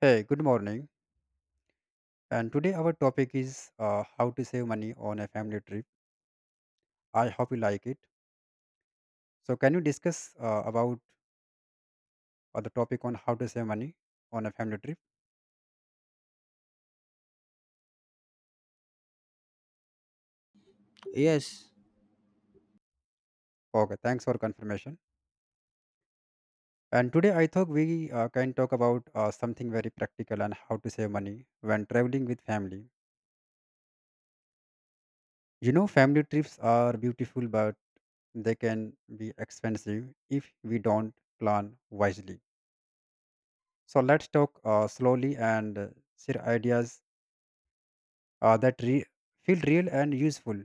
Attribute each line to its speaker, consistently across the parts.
Speaker 1: Hey, good morning. And today our topic is how to save money on a family trip. I hope you like it. So, can you discuss about the topic on how to save money on a family trip?
Speaker 2: Yes.
Speaker 1: Okay, thanks for confirmation. And today I thought we can talk about something very practical and how to save money when traveling with family. You know, family trips are beautiful, but they can be expensive if we don't plan wisely. So let's talk slowly and share ideas uh, that re- feel real and useful.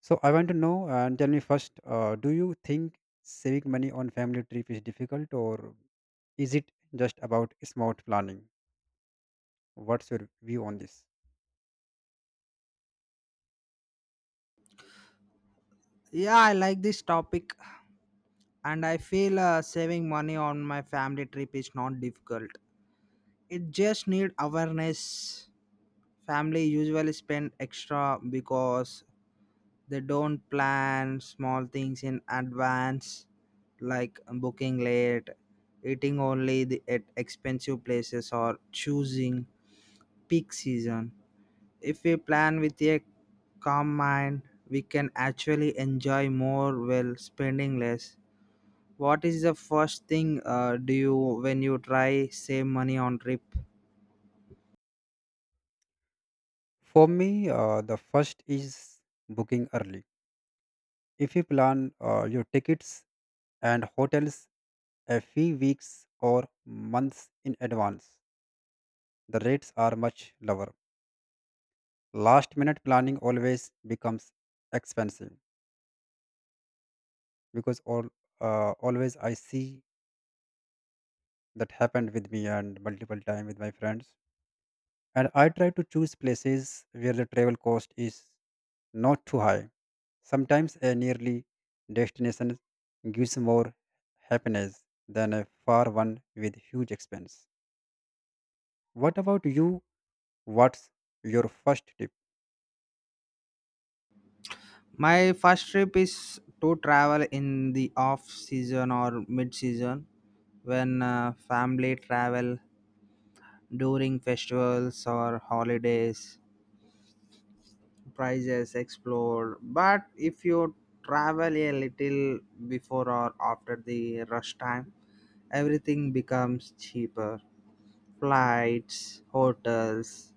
Speaker 1: So I want to know and tell me first, do you think saving money on family trip is difficult or is it just about smart planning? What's your view on this?
Speaker 2: Yeah, I like this topic and I feel saving money on my family trip is not difficult. It just need awareness. Family usually spend extra because they don't plan small things in advance like booking late, eating only the, at expensive places or choosing peak season if we plan with a calm mind, we can actually enjoy more while spending less. What is the first thing do you when you try save money on trip?
Speaker 1: For me, the first is booking early. If you plan your tickets and hotels a few weeks or months in advance, the rates are much lower. Last minute planning always becomes expensive because all always I see that happened with me and multiple time with my friends. And I try to choose places where the travel cost is not too high. Sometimes a nearly destination gives more happiness than a far one with huge expense. What about you? What's your first tip?
Speaker 2: My first trip is to travel in the off season or mid season when family travel during festivals or holidays. Prices explore. But if you travel a little before or after the rush time everything becomes cheaper, flights, hotels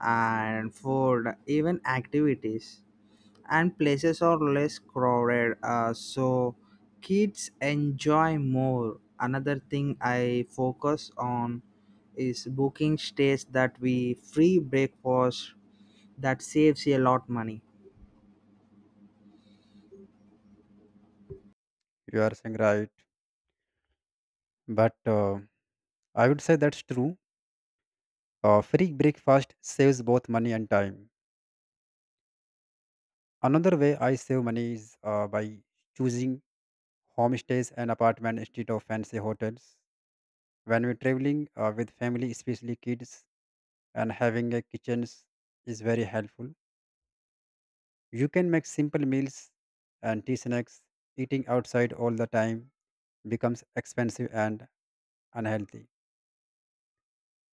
Speaker 2: and food, even activities, and places are less crowded, so kids enjoy more. Another thing I focus on is booking stays that we free breakfast, that saves a lot money.
Speaker 1: You are saying right, but I would say that's true. Free breakfast saves both money and time. Another way I save money is by choosing homestays and apartment instead of fancy hotels. When we're traveling with family, especially kids, and having a kitchens is very helpful. You can make simple meals and tea snacks. Eating outside all the time becomes expensive and unhealthy.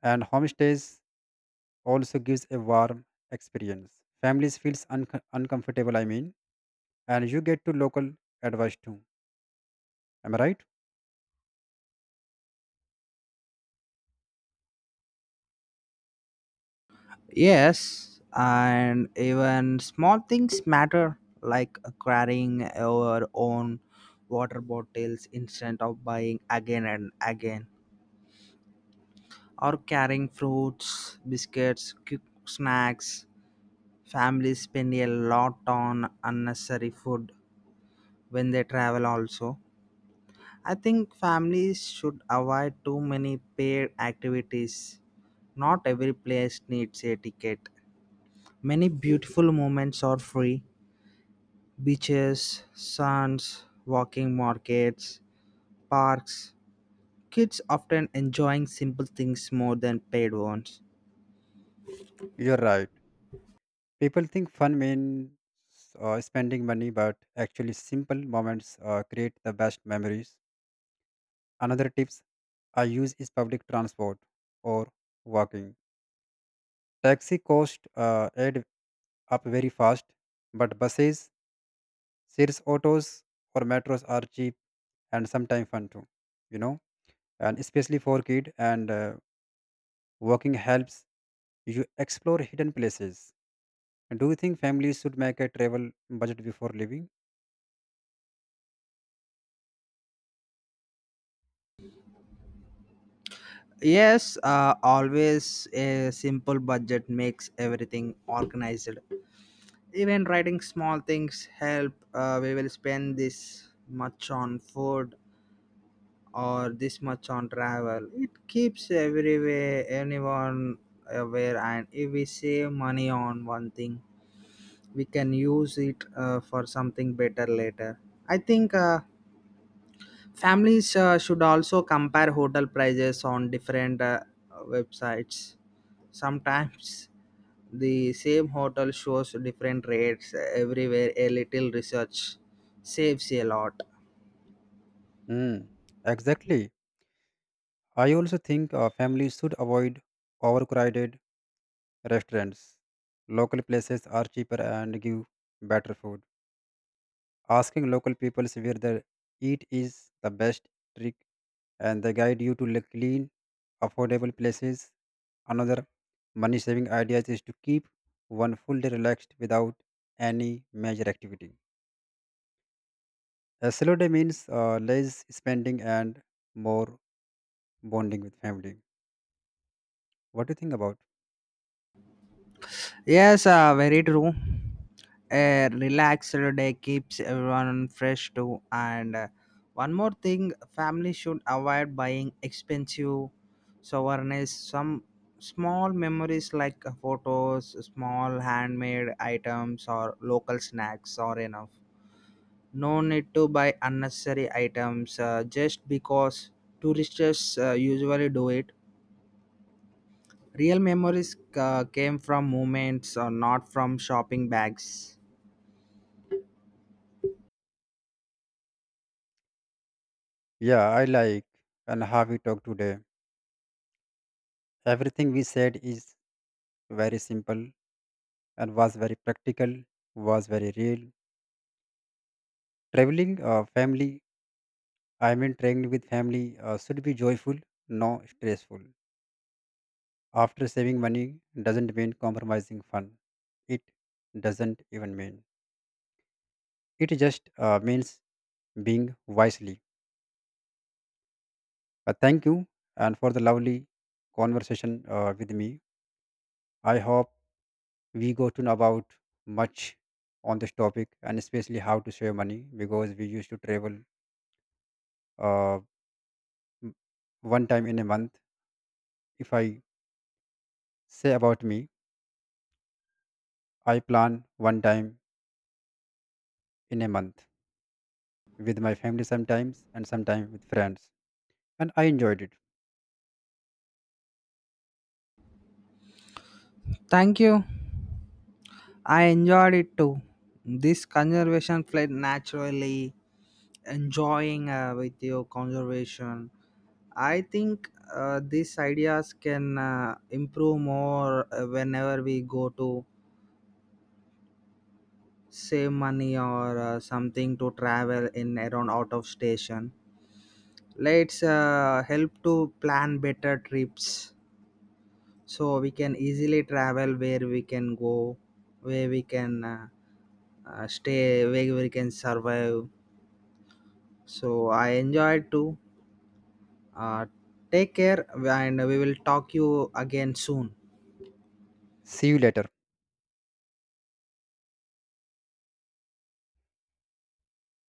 Speaker 1: And homestays also gives a warm experience. Families feels uncomfortable. I mean, and you get to local advice too. Am I right?
Speaker 2: Yes, and even small things matter, like carrying your own water bottles instead of buying again and again, or carrying fruits, biscuits, quick snacks. Families spend a lot on unnecessary food when they travel, also. I think families should avoid too many paid activities. Not every place needs a ticket. Many beautiful moments are free, beaches, sands, walking markets, parks. Kids often enjoying simple things more than paid ones.
Speaker 1: You're right. People think fun means spending money, but actually, simple moments create the best memories. Another tips I use is public transport or walking. Taxi cost add up very fast, but buses, series autos, or metros are cheap and sometimes fun too. You know, and especially for kid and walking helps you explore hidden places. And do you think families should make a travel budget before leaving?
Speaker 2: Yes, always a simple budget makes everything organized. Even writing small things help. We will spend this much on food or this much on travel. It keeps everywhere anyone aware, and if we save money on one thing, we can use it for something better later. I think families should also compare hotel prices on different websites, sometimes the same hotel shows different rates everywhere, a little research saves a lot.
Speaker 1: Hmm. Exactly. I also think families should avoid overcrowded restaurants. Local places are cheaper and give better food. Asking local people where they eat is the best trick, and they guide you to the clean, affordable places. Another money saving idea is to keep one full day relaxed without any major activity. A slow day means less spending and more bonding with family. What do you think about?
Speaker 2: Yes, very true. A relaxed day keeps everyone fresh too. And one more thing, family should avoid buying expensive souvenirs. Some small memories like photos, small handmade items, or local snacks are enough. No need to buy unnecessary items just because tourists usually do it. Real memories came from moments, not from shopping bags.
Speaker 1: Yeah, I like and how we talk today. Everything we said is very simple and was very practical, was very real. Traveling family, I mean, traveling with family should be joyful, not stressful. After saving money doesn't mean compromising fun. It doesn't even mean. It just means being wisely. Thank you and for the lovely conversation with me. I hope we got to know about much on this topic and especially how to save money because we used to travel uh, m- one time in a month. If I say about me, I plan one time in a month with my family, sometimes and sometimes with friends, and I enjoyed it.
Speaker 2: Thank you. I enjoyed it too. This conservation fled naturally, enjoying with your conservation. I think these ideas can improve more whenever we go to save money or something to travel in around out of station. Let's help to plan better trips. So we can easily travel where we can go, where we can stay, where we can survive. So I enjoyed too. uh, Take care and we will talk you again soon.
Speaker 1: See you later.